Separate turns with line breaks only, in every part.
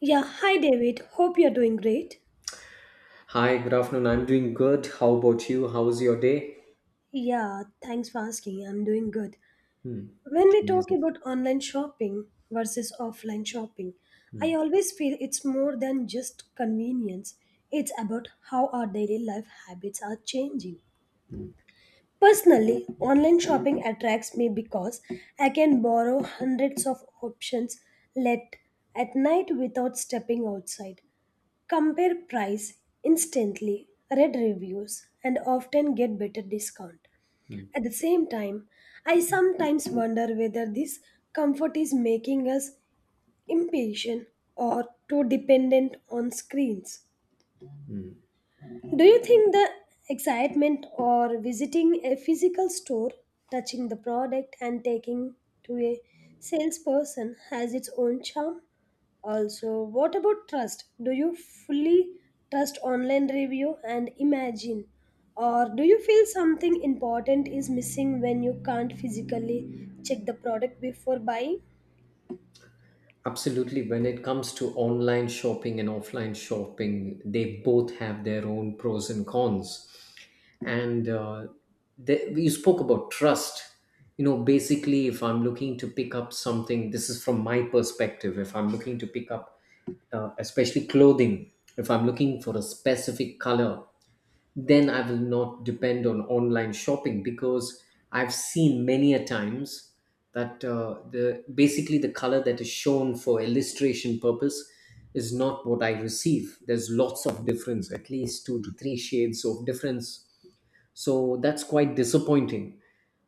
Yeah, hi David. Hope you're doing great.
Hi, good afternoon. I'm doing good. How about you? How's your day?
Yeah, thanks for asking. I'm doing good.
Hmm.
When we talk
Amazing.
about online shopping versus offline shopping, I
Hmm.
always feel it's more than just convenience. It's about how our daily life habits are changing.
Hmm.
Personally, online shopping attracts me because I can borrow hundreds of options late at night without stepping outside, compare price instantly, read reviews, and often get better discount.
Hmm.
At the same time, I sometimes wonder whether this comfort is making us impatient or too dependent on screens.
Hmm.
Do you think the excitement or visiting a physical store, touching the product and taking to a salesperson has its own charm? Also, what about trust? Do you fully trust online review and imagine? Or do you feel something important is missing when you can't physically check the product before buying?
Absolutely. When it comes to online shopping and offline shopping, they both have their own pros and cons. And the you spoke about trust. You know, basically, if I'm looking to pick up something, this is from my perspective. If I'm looking to pick up especially clothing, if I'm looking for a specific color, then I will not depend on online shopping because I've seen many a times that the basically the color that is shown for illustration purpose is not what I receive. There's lots of difference, at least two to three shades of difference. So that's quite disappointing.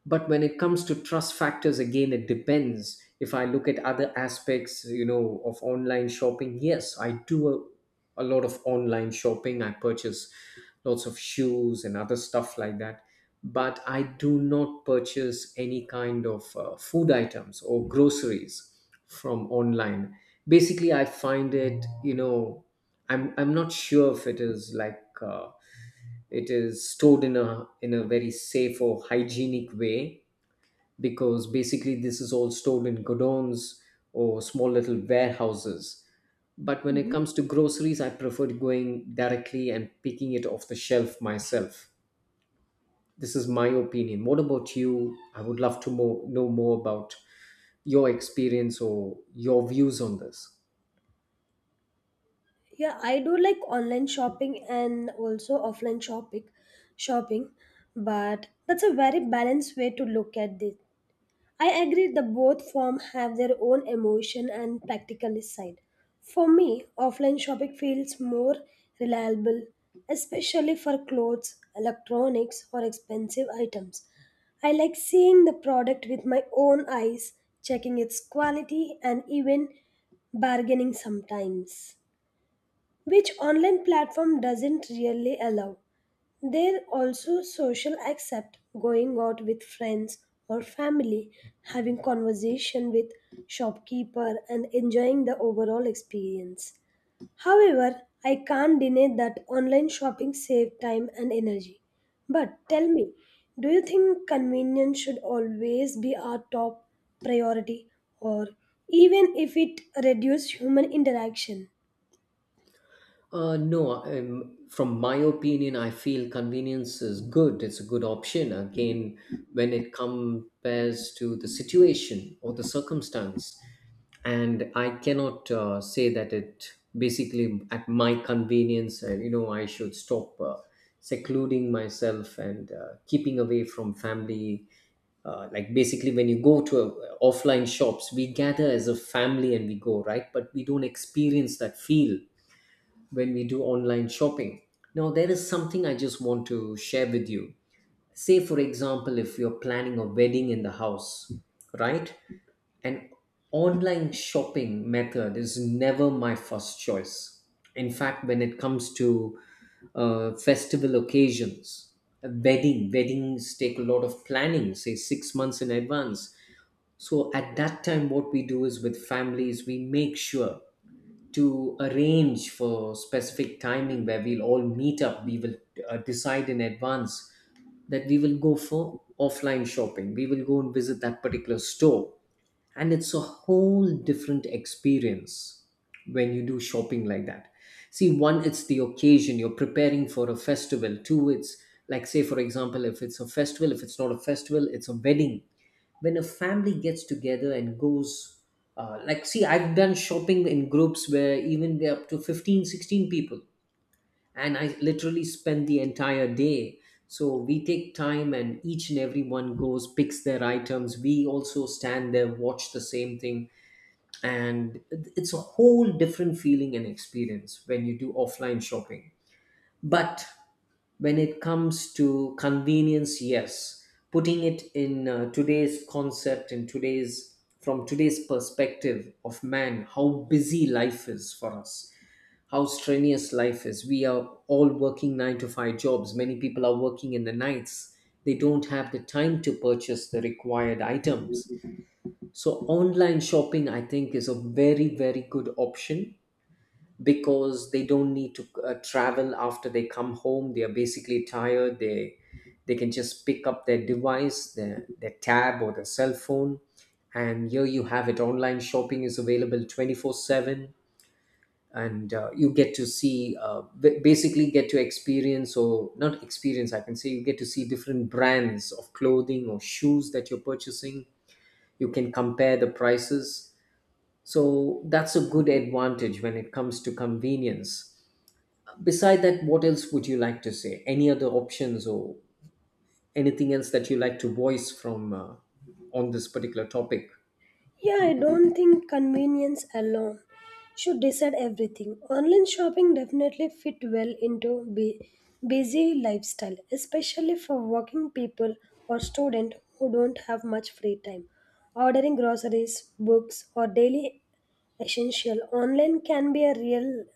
But when it comes to trust factors, again, it depends. If I look at other aspects, you know, of online shopping, yes, I do a lot of online shopping. I purchase lots of shoes and other stuff like that. But I do not purchase any kind of food items or groceries from online. Basically, I find it, you know, I'm not sure if it is like it is stored in a very safe or hygienic way because basically this is all stored in godowns or small little warehouses. But when it
Mhm.
comes to groceries, I prefer going directly and picking it off the shelf myself. This is my opinion. What about you? I would love to know more about your experience or your views on this.
Yeah, I do like online shopping and also offline shopping, but that's a very balanced way to look at this. I agree that both form have their own emotion and practical side. For me, offline shopping feels more reliable, especially for clothes, electronics, or expensive items. I like seeing the product with my own eyes, checking its quality, and even bargaining sometimes, which online platform doesn't really allow. There also social accept going out with friends or family, having conversation with shopkeeper and enjoying the overall experience. However, I can't deny that online shopping save time and energy. But tell me, do you think convenience should always be our top priority, or even if it reduce human interaction?
No, from my opinion, I feel convenience is good. It's a good option. Again, when it compares to the situation or the circumstance, and I cannot say that it basically at my convenience, you know, I should stop secluding myself and keeping away from family. Like basically when you go to offline shops, we gather as a family and we go, right? But we don't experience that feel when we do online shopping. Now there is something I just want to share with you. Say for example, if you're planning a wedding in the house, right, an online shopping method is never my first choice. In fact, when it comes to festival occasions, a wedding, weddings take a lot of planning, say 6 months in advance. So at that time, what we do is with families, we make sure to arrange for specific timing where we'll all meet up. We will decide in advance that we will go for offline shopping. We will go and visit that particular store, and it's a whole different experience when you do shopping like that. See, one, it's the occasion, you're preparing for a festival. Two, it's like, say for example, if it's a festival, if it's not a festival, it's a wedding, when a family gets together and goes. Like, see, I've done shopping in groups where even we're up to 15, 16 people and I literally spend the entire day. So we take time and each and every one goes, picks their items. We also stand there, watch the same thing, and it's a whole different feeling and experience when you do offline shopping. But when it comes to convenience, yes, putting it in today's concept and today's perspective of man, how busy life is for us, how strenuous life is, we are all working 9 to 5 jobs, many people are working in the nights. They don't have the time to purchase the required items. So online shopping, I think, is a very, very good option because they don't need to travel after they come home. They are basically tired. They can just pick up their device, their tab or their cell phone, and here you have it. Online shopping is available 24/7, and you get to see basically get to experience or not experience. I can say you get to see different brands of clothing or shoes that you're purchasing. You can compare the prices, so that's a good advantage when it comes to convenience. Beside that, what else would you like to say? Any other options or anything else that you like to voice from on this particular topic?
Yeah, I don't think convenience alone should decide everything. Online shopping definitely fit well into busy lifestyle, especially for working people or students who don't have much free time. Ordering groceries, books, or daily essential online can be a real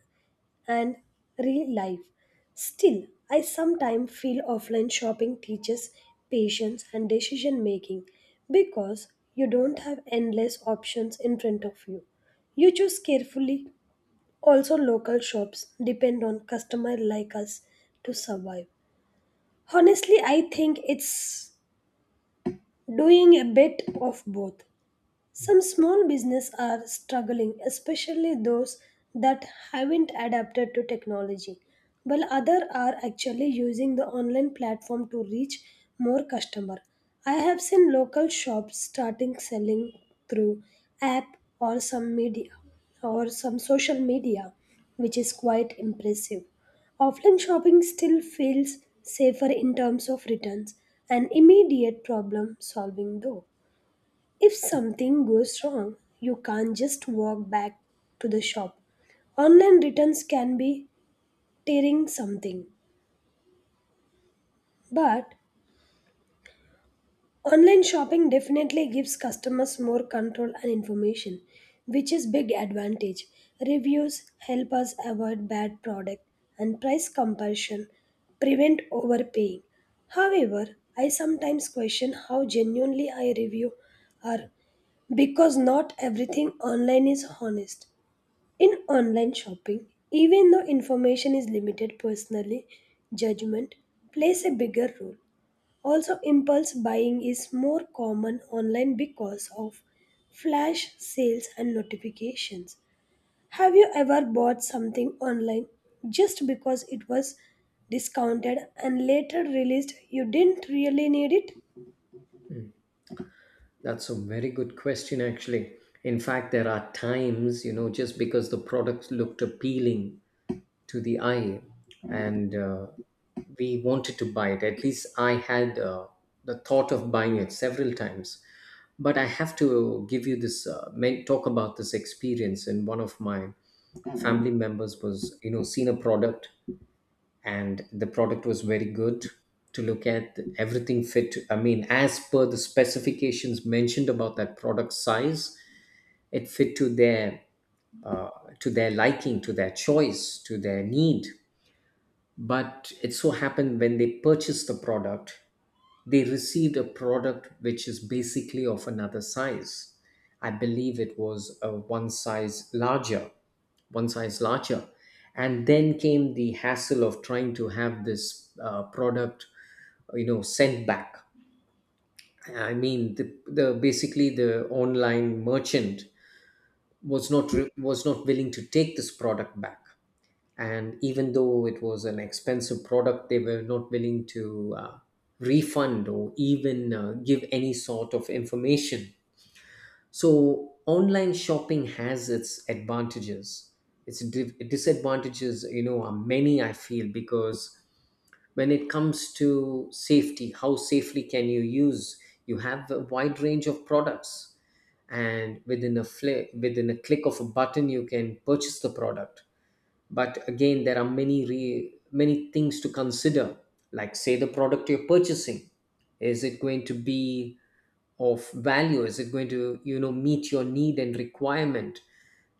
and real life. Still, I sometimes feel offline shopping teaches patience and decision making because you don't have endless options in front of you. You choose carefully. Also, local shops depend on customer like us to survive. Honestly, I think it's doing a bit of both. Some small businesses are struggling, especially those that haven't adapted to technology, while others are actually using the online platform to reach more customers. I have seen local shops starting selling through app or some media or some social media, which is quite impressive. Offline shopping still feels safer in terms of returns and immediate problem solving though. If something goes wrong, you can't just walk back to the shop. Online returns can be tearing something, but online shopping definitely gives customers more control and information, which is big advantage. Reviews help us avoid bad product and price comparison prevent overpaying. However, I sometimes question how genuinely I review are because not everything online is honest. In online shopping, even though information is limited personally, judgment plays a bigger role. Also, impulse buying is more common online because of flash sales and notifications. Have you ever bought something online just because it was discounted and later realized you didn't really need it?
That's a very good question, actually. In fact, there are times, you know, just because the product looked appealing to the eye and we wanted to buy it, at least I had the thought of buying it several times. But I have to give you this talk about this experience. And one of my family members was, you know, seen a product, and the product was very good to look at. Everything fit, I mean, as per the specifications mentioned about that product size, it fit uh, to their liking, to their choice, to their need. But it so happened when they purchased the product, they received a product which is basically of another size. I believe it was a one size larger, one size larger. And then came the hassle of trying to have this product, you know, sent back. I mean, the basically the online merchant was not willing to take this product back. And even though it was an expensive product, they were not willing to refund or even give any sort of information. So online shopping has its advantages. Its disadvantages, you know, are many, I feel, because when it comes to safety, how safely can you use? You have a wide range of products, and within a click of a button, you can purchase the product. But again, there are many things to consider. Like say the product you're purchasing, is it going to be of value? Is it going to, you know, meet your need and requirement?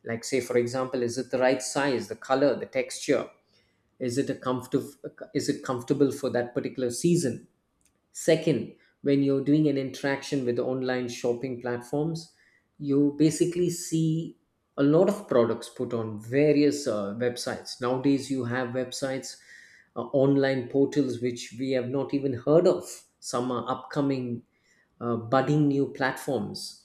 Like say for example, is it the right size, the color, the texture? is it a comfortable is it comfortable for that particular season? Second, when you're doing an interaction with online shopping platforms, you basically see a lot of products put on various websites. Nowadays, you have websites, online portals, which we have not even heard of. Some are upcoming, budding new platforms.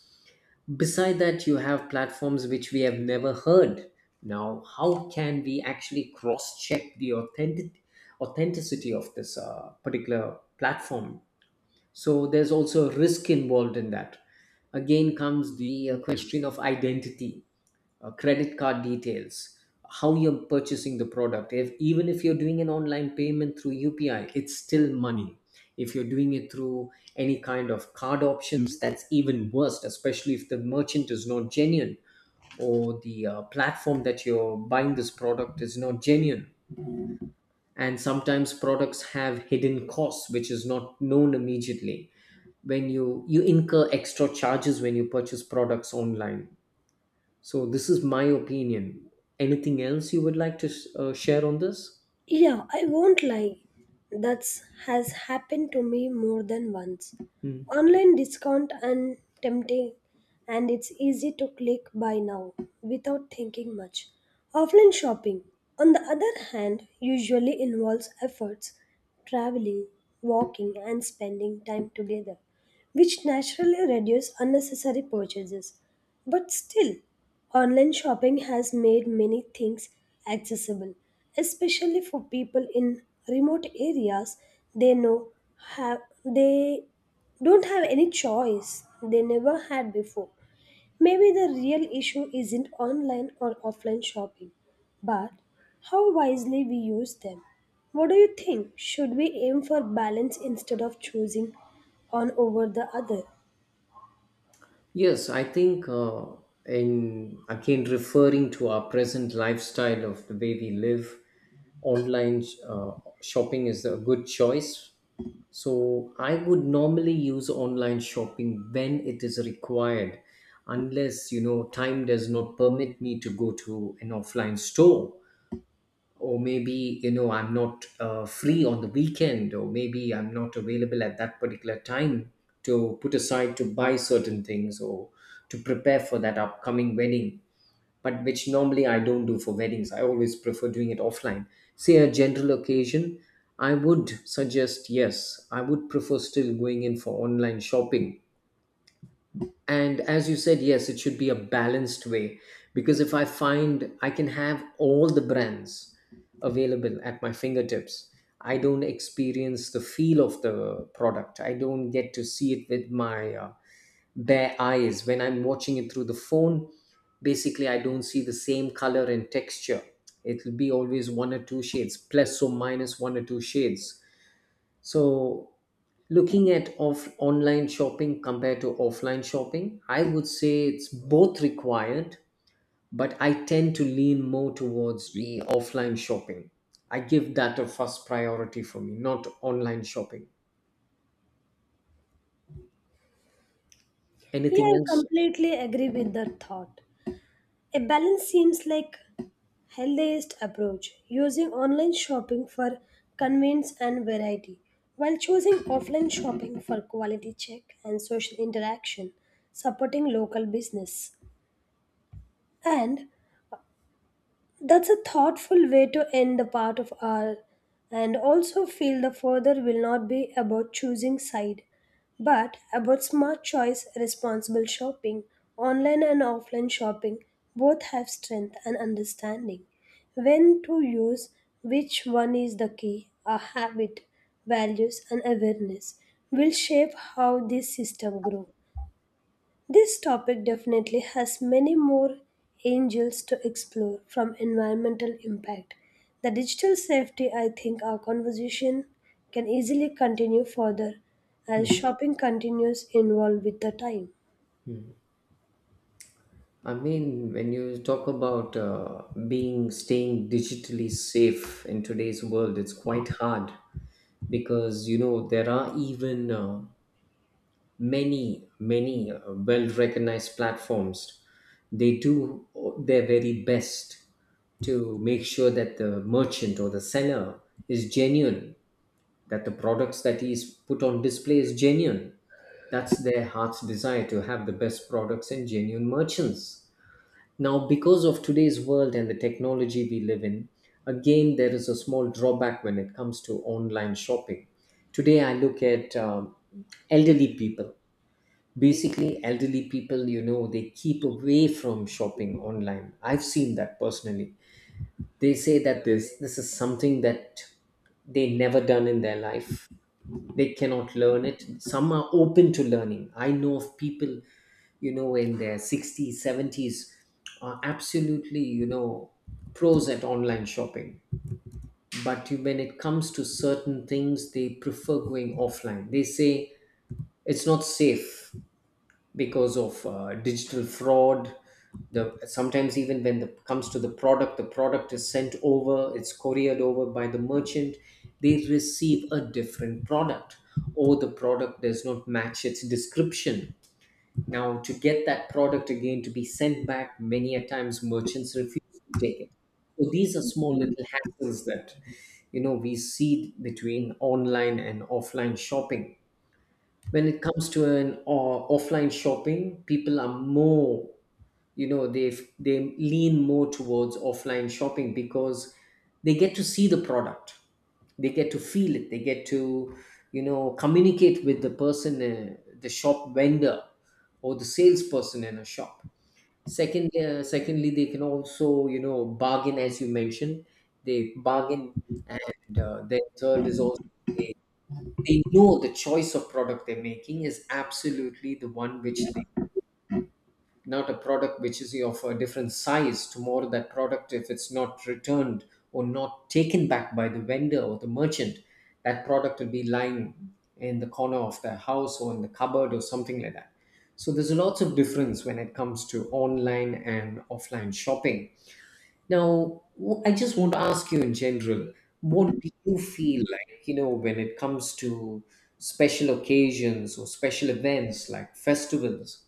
Beside that, you have platforms which we have never heard. Now, how can we actually cross check the authenticity of this particular platform? So there's also a risk involved in that. Again comes the question of identity, credit card details, how you're purchasing the product. If even if you're doing an online payment through UPI, it's still money. If you're doing it through any kind of card options, that's even worse, especially if the merchant is not genuine or the platform that you're buying this product is not genuine. And sometimes products have hidden costs, which is not known immediately, when you incur extra charges when you purchase products online. So this is my opinion. Anything else you would like to share on this?
Yeah, I won't lie. That's has happened to me more than once.
Hmm.
Online discount and tempting and it's easy to click buy now without thinking much. Offline shopping, on the other hand, usually involves efforts, traveling, walking and spending time together, which naturally reduce unnecessary purchases. But still, online shopping has made many things accessible, especially for people in remote areas. They know have they don't have any choice they never had before. Maybe the real issue isn't online or offline shopping, but how wisely we use them. What do you think? Should we aim for balance instead of choosing one over the other?
Yes, I think, in again referring to our present lifestyle of the way we live, online shopping is a good choice. So I would normally use online shopping when it is required, unless you know time does not permit me to go to an offline store. Or maybe you know I'm not free on the weekend, or maybe I'm not available at that particular time to put aside to buy certain things or to prepare for that upcoming wedding. But which normally I don't do for weddings. I always prefer doing it offline. Say a general occasion, I would suggest, yes, I would prefer still going in for online shopping. And as you said, yes, it should be a balanced way, because if I find I can have all the brands available at my fingertips, I don't experience the feel of the product. I don't get to see it with my bare eyes. When I'm watching it through the phone, basically, I don't see the same color and texture. It'll be always one or two shades, plus or minus one or two shades. So looking at off online shopping compared to offline shopping, I would say it's both required, but I tend to lean more towards the offline shopping. I give that a first priority for me, not online shopping.
Yeah, I
Anything else?
completely agree with that thought. A balance seems like healthiest approach, using online shopping for convenience and variety, while choosing offline shopping for quality check and social interaction, supporting local business. And that's a thoughtful way to end the part of our, and also feel the further will not be about choosing side, but about smart choice, responsible shopping, online and offline shopping both have strength and understanding. When to use which one is the key, our habit, values and awareness will shape how this system grows. This topic definitely has many more angles to explore from environmental impact. The digital safety, I think our conversation can easily continue further as
Hmm,
shopping continues involved with the time.
hmm. I mean when you talk about being staying digitally safe in today's world, it's quite hard because you know there are even many well recognized platforms. They do their very best to make sure that the merchant or the seller is genuine, that the products that is put on display is genuine. That's their heart's desire, to have the best products and genuine merchants. Now because of today's world and the technology we live in, again there is a small drawback when it comes to online shopping. Today I look at elderly people. Basically, elderly people, you know, they keep away from shopping online. I've seen that personally. They say that this is something that they never done in their life. They cannot learn it. Some are open to learning. I know of people, you know, in their 60s, 70s, are absolutely, you know, pros at online shopping. But when it comes to certain things, they prefer going offline. They say it's not safe because of digital fraud. The sometimes even when it comes to the product, the product is sent over, it's couriered over by the merchant, they receive a different product, or the product does not match its description. Now to get that product again to be sent back, many a times merchants refuse to take it. So these are small little hassles that, you know, we see between online and offline shopping. When it comes to an offline shopping, people are more, you know, they lean more towards offline shopping because they get to see the product, they get to feel it, they get to, you know, communicate with the person, the shop vendor or the salesperson in a shop. Second, secondly, they can also, you know, bargain. As you mentioned, they bargain. And then third is also they, they know the choice of product they're making is absolutely the one which, not a product which is of a different size. Tomorrow that product, if it's not returned or not taken back by the vendor or the merchant, that product will be lying in the corner of their house or in the cupboard or something like that. So there's lots of difference when it comes to online and offline shopping. Now I just want to ask you in general, what do you feel like, you know, when it comes to special occasions or special events like festivals,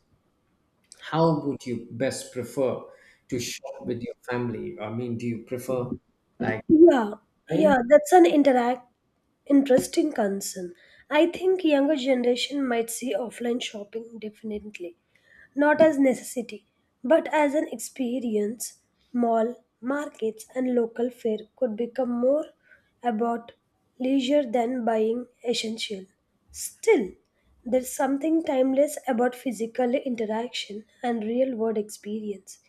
how would you best prefer to shop with your family? I mean, do you prefer like
Yeah,
online?
yeah, that's an interact Interesting concern. I think younger generation might see offline shopping definitely not as necessity, but as an experience. Mall, markets, and local fare could become more about leisure than buying essential. Still, there's something timeless about physical interaction and real world experience.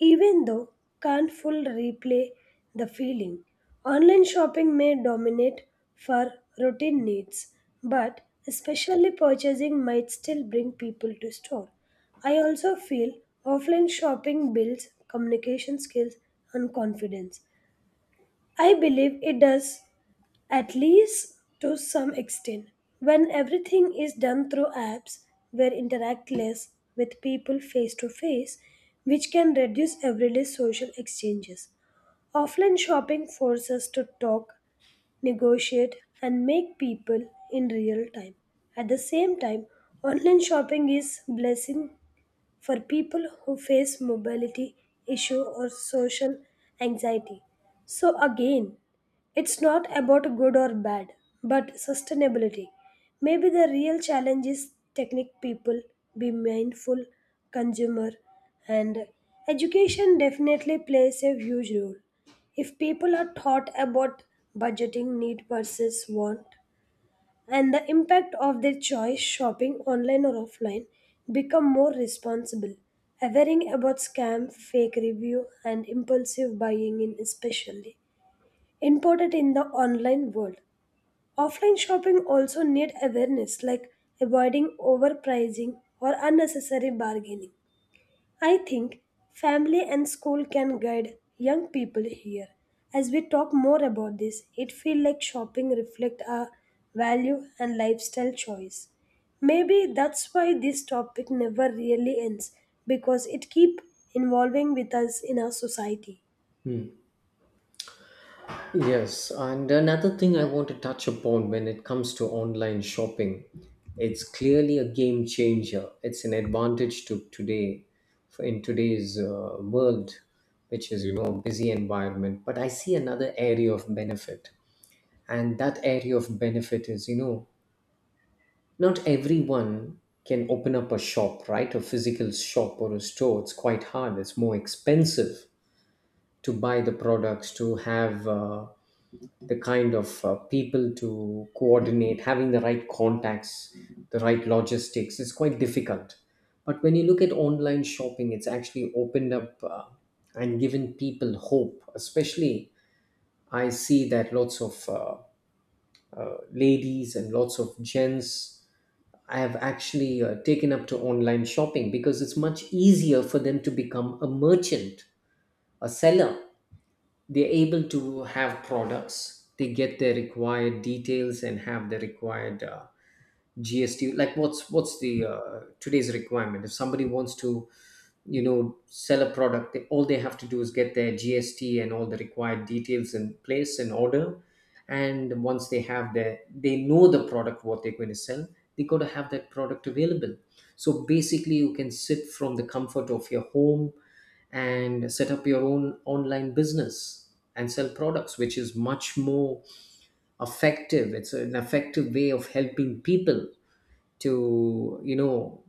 Even though can't full replay the feeling, online shopping may dominate for routine needs, but especially purchasing might still bring people to store. I also feel offline shopping builds communication skills and confidence. I believe it does, at least to some extent. When everything is done through apps, we interact less with people face to face, which can reduce everyday social exchanges. Offline shopping forces us to talk, negotiate, and make people in real time. At the same time, online shopping is blessing for people who face mobility issue or social anxiety. So again, it's not about good or bad, but sustainability. Maybe the real challenge is technique people be mindful consumer, and education definitely plays a huge role. If people are taught about budgeting need versus want, and the impact of their choice, shopping online or offline become more responsible. Averring about scam, fake review and impulsive buying in especially important in the online world. Offline shopping also need awareness, like avoiding overpricing or unnecessary bargaining. I think family and school can guide young people here. As we talk more about this, it feels like shopping reflects our value and lifestyle choice. Maybe that's why this topic never really ends because it keeps involving with us in our society.
Hmm. Yes, and another thing I want to touch upon, when it comes to online shopping, it's clearly a game changer. It's an advantage to today, for in today's world, which is, you know, busy environment. But I see another area of benefit, and that area of benefit is, you know, not everyone can open up a shop, right? A physical shop or a store. It's quite hard. It's more expensive to buy the products, to have the kind of people, to coordinate, having the right contacts, the right logistics. It's quite difficult. But when you look at online shopping, it's actually opened up and given people hope. Especially, I see that lots of ladies and lots of gents I have actually taken up to online shopping because it's much easier for them to become a merchant, a seller. They're able to have products, they get their required details and have the required GST. Like what's the today's requirement? If somebody wants to, you know, sell a product, they, all they have to do is get their gst and all the required details in place and order. And once they have their, they know the product what they're going to sell, they got to have that product available. So basically you can sit from the comfort of your home and set up your own online business and sell products, which is much more effective. It's an effective way of helping people to, you know,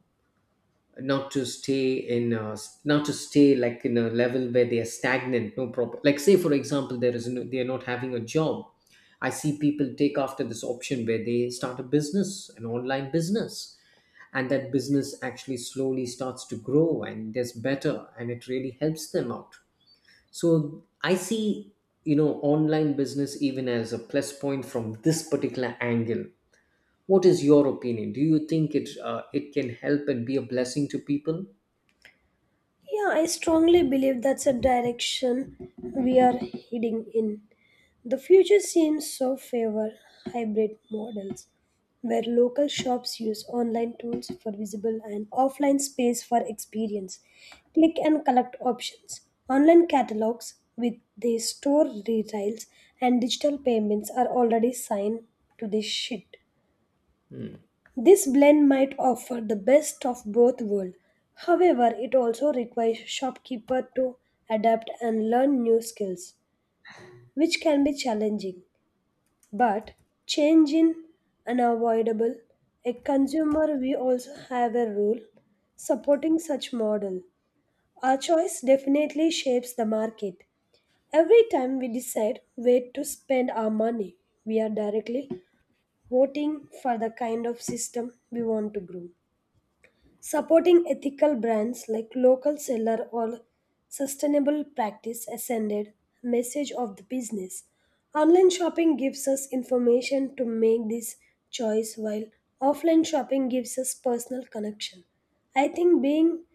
not to stay in a, not to stay like in a level where they are stagnant. No problem. Like say for example, there is no, they are not having a job, I see people take after this option where they start a business, an online business, and that business actually slowly starts to grow and does better and it really helps them out. So I see, you know, online business even as a plus point from this particular angle. What is your opinion? Do you think it it can help and be a blessing to people?
Yeah, I strongly believe that's a direction we are heading in. The future seems so favor hybrid models where local shops use online tools for visible and offline space for experience. Click and collect options, online catalogs with the store retails and digital payments are already signed to this shit.
Hmm.
This blend might offer the best of both worlds. However, it also requires shopkeeper to adapt and learn new skills, which can be challenging. But change in unavoidable. A consumer we also have a role supporting such model. Our choice definitely shapes the market. Every time we decide where to spend our money, we are directly voting for the kind of system we want to grow. Supporting ethical brands like local seller or sustainable practice ascended message of the business. Online shopping gives us information to make this choice, while offline shopping gives us personal connection. I think being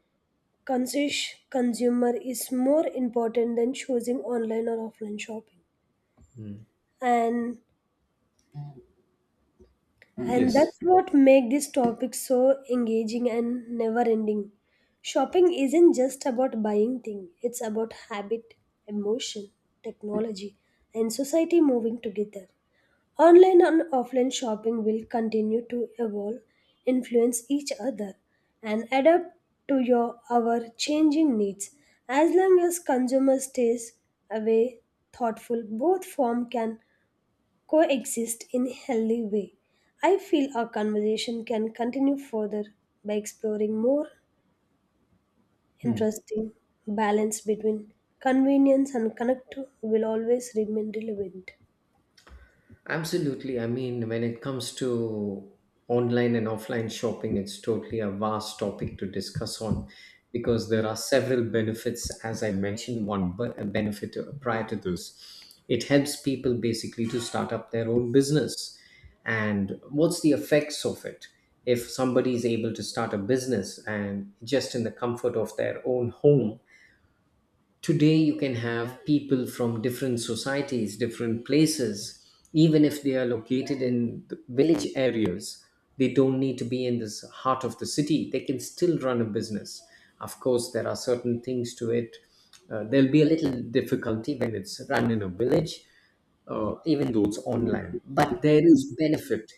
conscious consumer is more important than choosing online or offline shopping.
Mm.
And And
Yes.
that's what makes this topic so engaging and never ending. Shopping isn't just about buying things, it's about habit, emotion, technology, and society moving together. Online and offline shopping will continue to evolve, influence each other, and adapt to your our changing needs. As long as consumer stays away thoughtful, both form can coexist in a healthy way. I feel our conversation can continue further by exploring more
Hmm.
interesting balance between convenience and connect will always remain relevant.
Absolutely. I mean, when it comes to online and offline shopping, it's totally a vast topic to discuss on, because there are several benefits, as I mentioned, one but a benefit prior to this. It helps people basically to start up their own business. And what's the effects of it? If somebody is able to start a business and just in the comfort of their own home, today you can have people from different societies, different places, even if they are located in the village areas, they don't need to be in this heart of the city, they can still run a business. Of course there are certain things to it. There'll be a little difficulty when it's run in a village, even though it's online. But there is benefit.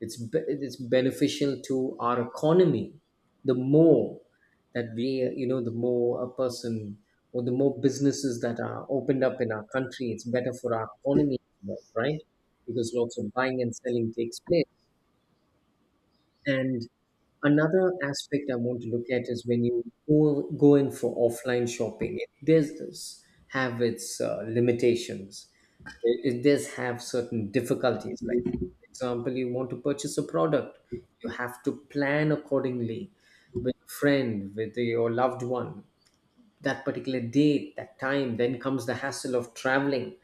It's it's beneficial to our economy. The more that we, you know, the more a person or the more businesses that are opened up in our country, it's better for our economy, right? Because lots of buying and selling takes place. And another aspect I want to look at is when you go in for offline shopping, it does this have its limitations. It does have certain difficulties. Like, for example, you want to purchase a product, you have to plan accordingly with a friend, with your loved one. That particular date, that time, then comes the hassle of traveling.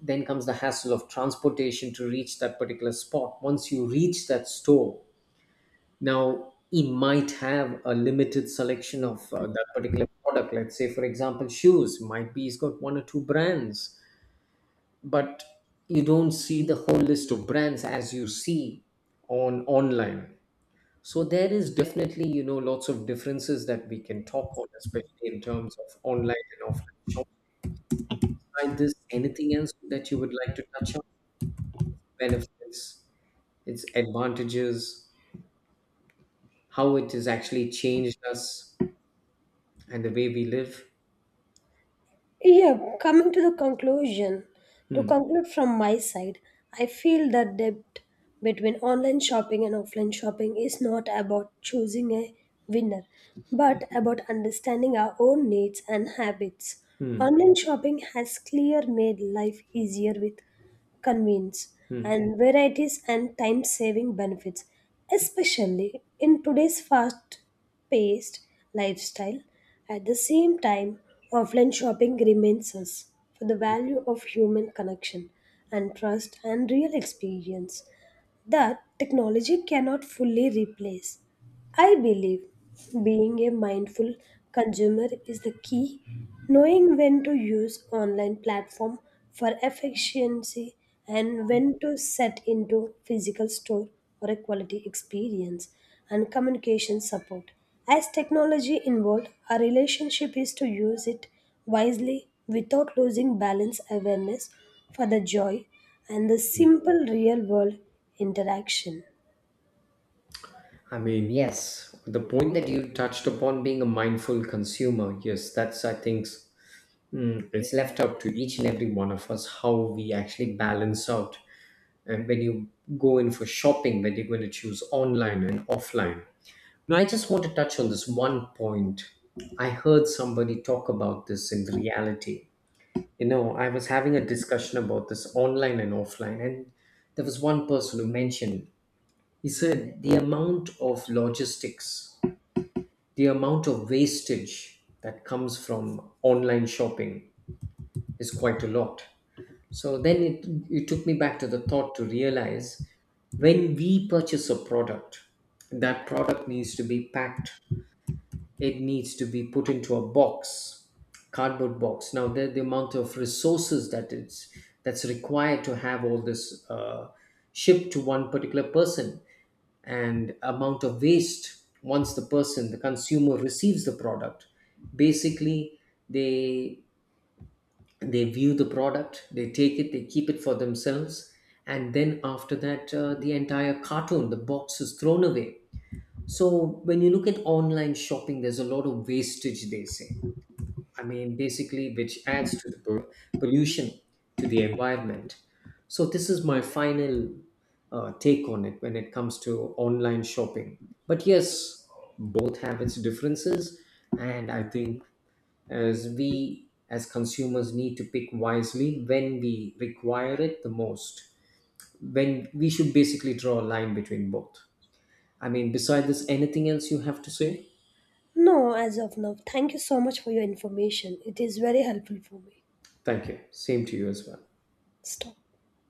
Then comes the hassle of transportation to reach that particular spot. Once you reach that store, now, he might have a limited selection of that particular product. Let's say, for example, shoes might be he's got one or two brands, but you don't see the whole list of brands as you see on online. So there is definitely, you know, lots of differences that we can talk on, especially in terms of online and offline shopping. Like this, anything else that you would like to touch on? Benefits, its advantages, how it has actually changed us and the way we live.
Yeah, coming to the conclusion, to
Hmm.
conclude from my side, I feel that depth between online shopping and offline shopping is not about choosing a winner, but about understanding our own needs and habits.
Hmm.
Online shopping has clear made life easier with convenience
Hmm.
and varieties and time saving benefits, especially in today's fast paced lifestyle. At the same time, offline shopping remains us for the value of human connection and trust and real experience that technology cannot fully replace. I believe being a mindful consumer is the key. Knowing when to use online platform for efficiency, and when to set into physical store for a quality experience and communication support. As technology involved, our relationship is to use it wisely without losing balance awareness for the joy and the simple real world interaction.
I mean, yes, the point that you touched upon being a mindful consumer, yes, that's, I think, hmm, it's left up to each and every one of us how we actually balance out. And when you go in for shopping, whether you're going to choose online and offline. Now, I just want to touch on this one point. I heard somebody talk about this in reality. You know, I was having a discussion about this online and offline, and there was one person who mentioned, he said the amount of logistics, the amount of wastage that comes from online shopping is quite a lot. So then it took me back to the thought to realize, when we purchase a product, that product needs to be packed, it needs to be put into a box, cardboard box. Now, the amount of resources that it's that's required to have all this shipped to one particular person, and amount of waste, once the person, the consumer receives the product, basically they they view the product, they take it, they keep it for themselves, and then after that, the entire carton, the box is thrown away. So when you look at online shopping, there's a lot of wastage, they say. I mean, basically, which adds to the pollution to the environment. So, this is my final take on it when it comes to online shopping. But yes, both have its differences, and I think as we as consumers need to pick wisely when we require it the most. When we should basically draw a line between both. I mean, beside this, anything else you have to say?
No, as of now. Thank you so much for your information. It is very helpful for me.
Thank you. Same to you as well.
Stop.